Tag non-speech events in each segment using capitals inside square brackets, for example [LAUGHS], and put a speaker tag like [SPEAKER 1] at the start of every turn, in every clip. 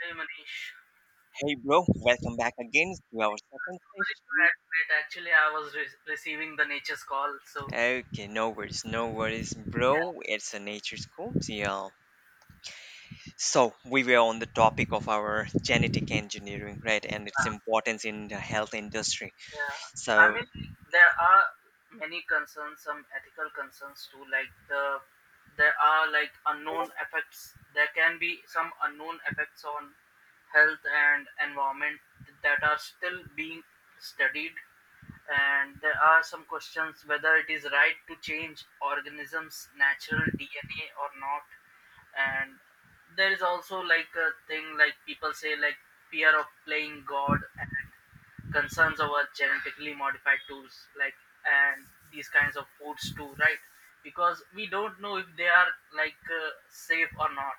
[SPEAKER 1] Hey Manish.
[SPEAKER 2] Hey, bro, welcome back again to our second
[SPEAKER 1] Great,
[SPEAKER 2] session.
[SPEAKER 1] great, great. Actually I was receiving the nature's call, so
[SPEAKER 2] Okay, no worries, no worries,
[SPEAKER 1] yeah,
[SPEAKER 2] bro. It's a nature's cool deal. So, we were on the topic of our genetic engineering, right, and its
[SPEAKER 1] yeah,
[SPEAKER 2] importance in the health industry.
[SPEAKER 1] yeah. I
[SPEAKER 2] So,
[SPEAKER 1] mean, there are many concerns, some ethical concerns too. Like, there are like unknown effects. There can be some unknown effects on health and environment that are still being studied, and there are some questions whether it is right to change organisms' natural DNA or not, and there is also like a thing, like people say, like fear of playing god, and concerns over genetically modified tools, like, and these kinds of foods too, right? Because we don't know if they are like safe or not.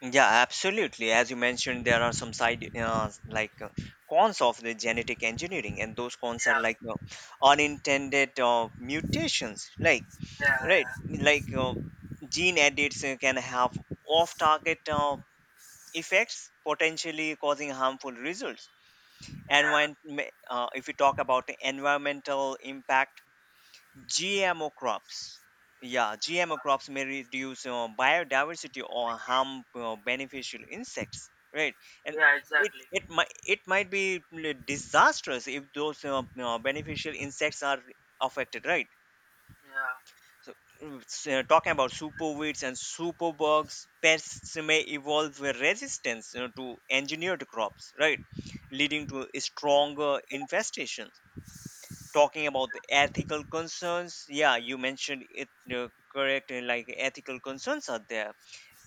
[SPEAKER 2] yeah, absolutely. As you mentioned, there are some side, like, cons of the genetic engineering, and those cons are like
[SPEAKER 1] Yeah,
[SPEAKER 2] unintended mutations, like,
[SPEAKER 1] yeah,
[SPEAKER 2] right,
[SPEAKER 1] yeah,
[SPEAKER 2] like, gene edits can have off target effects, potentially causing harmful results. And
[SPEAKER 1] yeah,
[SPEAKER 2] when if we talk about the environmental impact, GMO crops, yeah, GMO crops may reduce biodiversity or harm beneficial insects, right? And
[SPEAKER 1] yeah
[SPEAKER 2] it
[SPEAKER 1] exactly,
[SPEAKER 2] it might it might be disastrous if those beneficial insects are affected, right?
[SPEAKER 1] yeah,
[SPEAKER 2] So, talking about superweeds and superbugs, pests may evolve a resistance, to engineered crops, right, leading to stronger infestations. Talking about the ethical concerns, yeah, you mentioned it correct. Like, ethical concerns are there.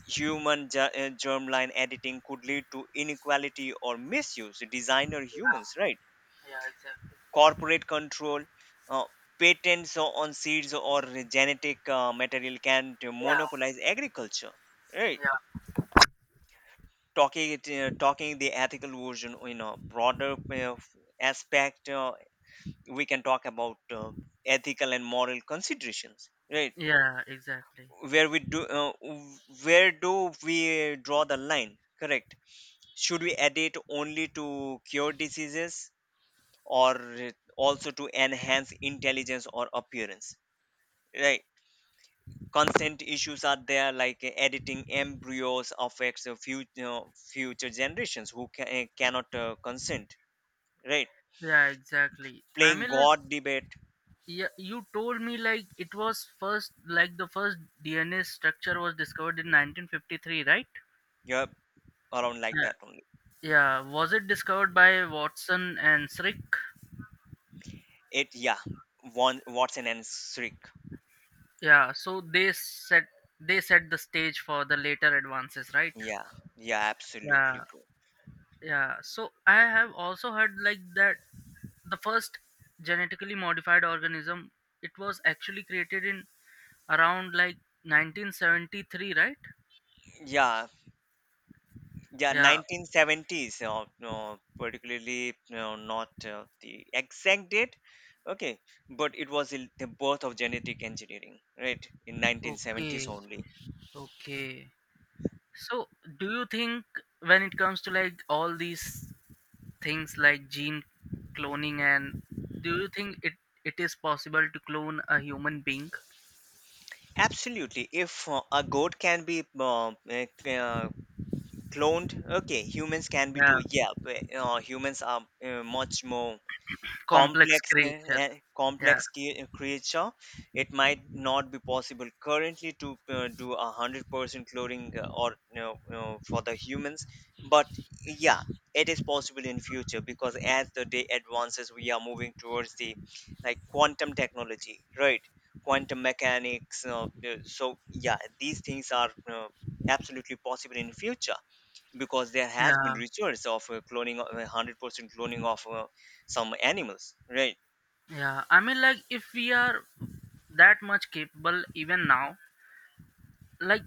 [SPEAKER 2] Human germline editing could lead to inequality or misuse. Designer humans, right?
[SPEAKER 1] yeah exactly,
[SPEAKER 2] Corporate control, uh, patents on seeds or genetic material can to
[SPEAKER 1] yeah,
[SPEAKER 2] monopolize agriculture. Right?
[SPEAKER 1] yeah,
[SPEAKER 2] Talking the ethical version in a broader aspect, we can talk about ethical and moral considerations. Right?
[SPEAKER 1] yeah exactly,
[SPEAKER 2] Where we do, uh, w- where do we draw the line? Correct. Should we edit only to cure diseases or also to enhance intelligence or appearance? Right. Consent issues are there, like editing embryos affects future generations who cannot consent. Right.
[SPEAKER 1] yeah exactly. i
[SPEAKER 2] Playing
[SPEAKER 1] mean like
[SPEAKER 2] god debate.
[SPEAKER 1] yeah, you told me, like, it was first, like, the first DNA structure was discovered in 1953, right?
[SPEAKER 2] Yeah, around like
[SPEAKER 1] Yeah.
[SPEAKER 2] that only.
[SPEAKER 1] Yeah, was it discovered by Watson and Crick?
[SPEAKER 2] It yeah one Watson and Srick.
[SPEAKER 1] Yeah, so they set, they set the stage for the later advances, right?
[SPEAKER 2] Yeah, yeah, absolutely,
[SPEAKER 1] Yeah,
[SPEAKER 2] bro.
[SPEAKER 1] yeah. So I have also heard, like, that the first genetically modified organism, it was actually created in around like 1973, right?
[SPEAKER 2] Yeah, yeah,
[SPEAKER 1] Yeah.
[SPEAKER 2] 1970s. Particularly, not the exact date. Okay, but it was the birth of genetic engineering, right, in 1970s
[SPEAKER 1] Okay.
[SPEAKER 2] only.
[SPEAKER 1] Okay. So, do you think, when it comes to like all these things like gene cloning and, do you think it is possible to clone a human being?
[SPEAKER 2] Absolutely. If a goat can be uh, cloned, okay, humans can be too.
[SPEAKER 1] Yeah,
[SPEAKER 2] Yeah, but, humans are much more
[SPEAKER 1] complex
[SPEAKER 2] complex eh,
[SPEAKER 1] creature.
[SPEAKER 2] eh,
[SPEAKER 1] Yeah,
[SPEAKER 2] complex creature. It might not be possible currently to do 100% cloning, or for the humans, but yeah, it is possible in future because as the day advances we are moving towards the, like, quantum technology, right, quantum mechanics. So, yeah, these things are absolutely possible in future, because there has been
[SPEAKER 1] yeah,
[SPEAKER 2] research of cloning, 100% cloning of some animals, right.
[SPEAKER 1] yeah. I mean, like, if we are that much capable even now, like,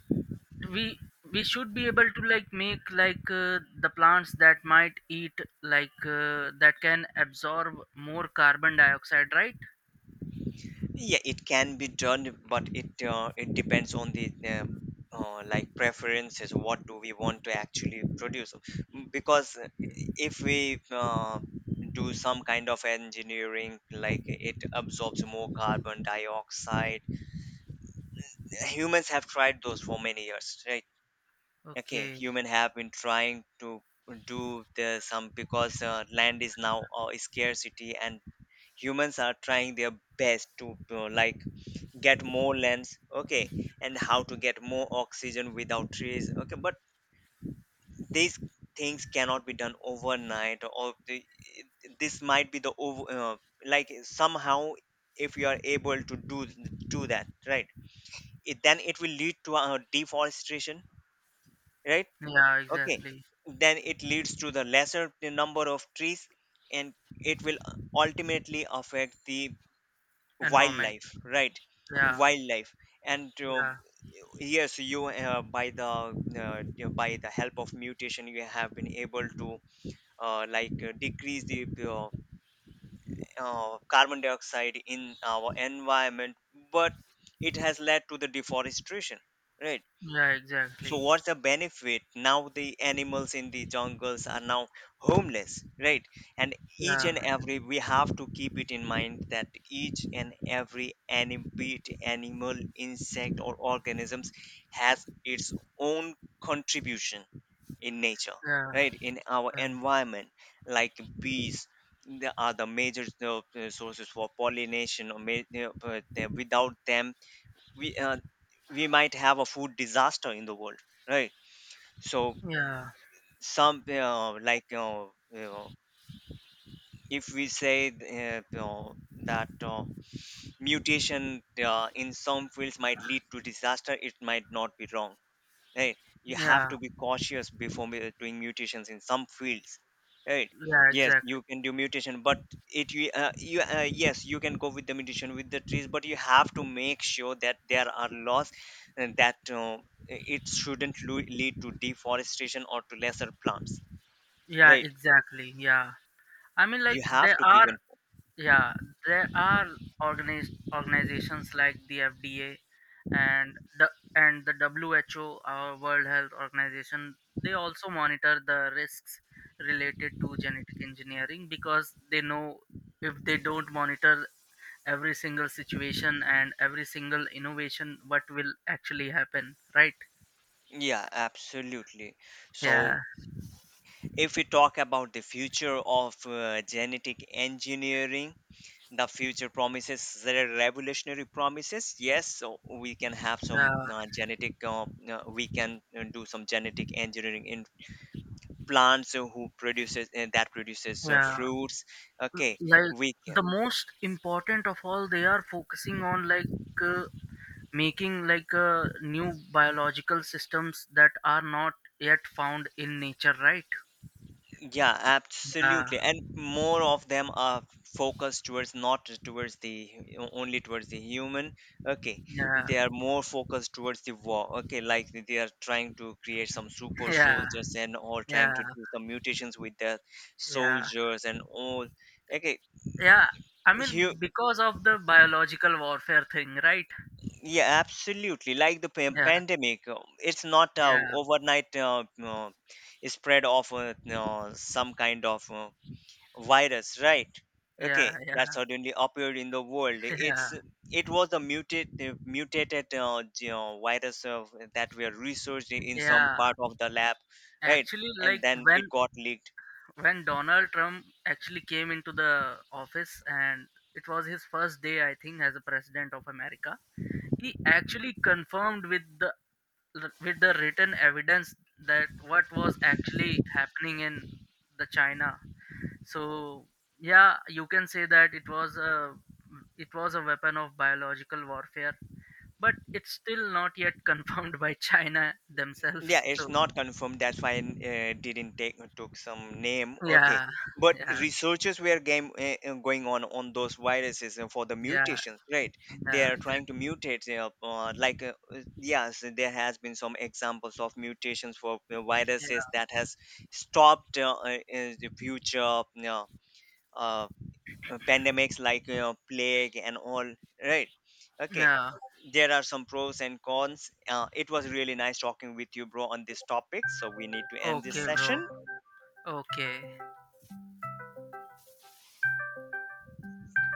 [SPEAKER 1] we we should be able to, like, make like the plants that might eat like that can absorb more carbon dioxide, right?
[SPEAKER 2] Yeah, it can be done, but it depends on the like, preferences, what do we want to actually produce. Mm, because
[SPEAKER 1] Okay,
[SPEAKER 2] if we do some kind of engineering, like it absorbs more carbon dioxide, humans have tried those for many years, right. Okay,
[SPEAKER 1] okay.
[SPEAKER 2] human have been trying to do the some, because land is now a scarcity, and humans are trying their best to like, get more lands. Okay, and how to get more oxygen without trees. Okay, but these things cannot be done overnight, this might be the over like, somehow, if you are able to do that, right, then it will lead to deforestation, right.
[SPEAKER 1] Yeah,
[SPEAKER 2] Okay,
[SPEAKER 1] exactly.
[SPEAKER 2] then it leads to the lesser number of trees, and it will ultimately affect the
[SPEAKER 1] Environment.
[SPEAKER 2] wildlife, right,
[SPEAKER 1] Yeah,
[SPEAKER 2] wildlife. And
[SPEAKER 1] yeah,
[SPEAKER 2] yes, you by the you- by the help of mutation, you have been able to like, decrease the uh, carbon dioxide in our environment, but it has led to the deforestation, right.
[SPEAKER 1] yeah,
[SPEAKER 2] So
[SPEAKER 1] exactly.
[SPEAKER 2] what's the benefit? Now the animals in the jungles are now homeless, right? And each and
[SPEAKER 1] Yeah,
[SPEAKER 2] every we have to keep it in mind that each and every be it animal, insect, or organisms has its own contribution in nature,
[SPEAKER 1] yeah,
[SPEAKER 2] right? In our
[SPEAKER 1] yeah,
[SPEAKER 2] environment, like bees. They are the major sources for pollination. Or but, without them, we uh, we might have a food disaster in the world, right? So,
[SPEAKER 1] yeah,
[SPEAKER 2] some you like, you know if we say, that mutation in some fields might lead to disaster, it might not be wrong, right. You have
[SPEAKER 1] yeah,
[SPEAKER 2] to be cautious before doing mutations in some fields, right.
[SPEAKER 1] yeah,
[SPEAKER 2] Yes,
[SPEAKER 1] exactly.
[SPEAKER 2] you can do mutation, but it you, you yes, you can go with the mutation with the trees, but you have to make sure that there are laws, and that it shouldn't lead to deforestation or to lesser plants,
[SPEAKER 1] Yeah,
[SPEAKER 2] right.
[SPEAKER 1] exactly. Yeah. I mean,
[SPEAKER 2] You
[SPEAKER 1] like,
[SPEAKER 2] have
[SPEAKER 1] there
[SPEAKER 2] to
[SPEAKER 1] are,
[SPEAKER 2] prevent.
[SPEAKER 1] yeah, there are organiz- organizations like the FDA and the WHO, our World Health Organization. They also monitor the risks related to genetic engineering, because they know, if they don't monitor every single situation and every single innovation, what will actually happen, right?
[SPEAKER 2] Yeah, absolutely.
[SPEAKER 1] Yeah,
[SPEAKER 2] So, if we talk about the future of genetic engineering, the future promises, there are revolutionary promises. Yes, so we can have
[SPEAKER 1] yeah,
[SPEAKER 2] we can do some genetic engineering in plants, who produces that produces
[SPEAKER 1] yeah.
[SPEAKER 2] fruits. Okay,
[SPEAKER 1] Like,
[SPEAKER 2] we
[SPEAKER 1] the most important of all, they are focusing on like. Uh, Making, like new biological systems that are not yet found in nature, right?
[SPEAKER 2] yeah,
[SPEAKER 1] Yeah,
[SPEAKER 2] absolutely. And more of them are focused towards, not towards the only towards the human. Okay,
[SPEAKER 1] yeah,
[SPEAKER 2] they are more focused towards the war. Okay, like they are trying to create some super
[SPEAKER 1] yeah,
[SPEAKER 2] soldiers and all, trying
[SPEAKER 1] yeah,
[SPEAKER 2] to do some mutations with their
[SPEAKER 1] yeah,
[SPEAKER 2] soldiers and all. Okay,
[SPEAKER 1] yeah. I mean,
[SPEAKER 2] you
[SPEAKER 1] because of the biological warfare thing, right?
[SPEAKER 2] yeah, absolutely. Like the
[SPEAKER 1] Yeah,
[SPEAKER 2] pandemic, it's not
[SPEAKER 1] yeah,
[SPEAKER 2] overnight spread of some kind of virus, right?
[SPEAKER 1] yeah,
[SPEAKER 2] Okay,
[SPEAKER 1] yeah.
[SPEAKER 2] that suddenly appeared in the world.
[SPEAKER 1] [LAUGHS] Yeah,
[SPEAKER 2] It was a mutated virus of that were researched in some
[SPEAKER 1] yeah,
[SPEAKER 2] part of the lab, right?
[SPEAKER 1] actually,
[SPEAKER 2] And
[SPEAKER 1] like,
[SPEAKER 2] then it got leaked.
[SPEAKER 1] when Donald Trump actually came into the office, and it was his first day, I think, as a president of America, he actually confirmed with the, with the written evidence that what was actually happening in the China, so yeah, you can say that it was a, it was a weapon of biological warfare, but it's still not yet [LAUGHS] confirmed by China
[SPEAKER 2] Yeah,
[SPEAKER 1] themselves, so
[SPEAKER 2] it's not confirmed, that's why I didn't take took some name, okay,
[SPEAKER 1] yeah,
[SPEAKER 2] but
[SPEAKER 1] yeah,
[SPEAKER 2] researchers were game going on those viruses for the
[SPEAKER 1] yeah,
[SPEAKER 2] mutations, right. They
[SPEAKER 1] yeah
[SPEAKER 2] are trying to
[SPEAKER 1] exactly,
[SPEAKER 2] mutate like, yes, there has been some examples of mutations for viruses
[SPEAKER 1] yeah,
[SPEAKER 2] that has stopped the future uh, pandemics, like, plague and all, right, okay.
[SPEAKER 1] yeah.
[SPEAKER 2] There are some pros and cons. It was really nice talking with you, bro, on this topic, so we need to end this
[SPEAKER 1] Okay, bro,
[SPEAKER 2] session.
[SPEAKER 1] okay.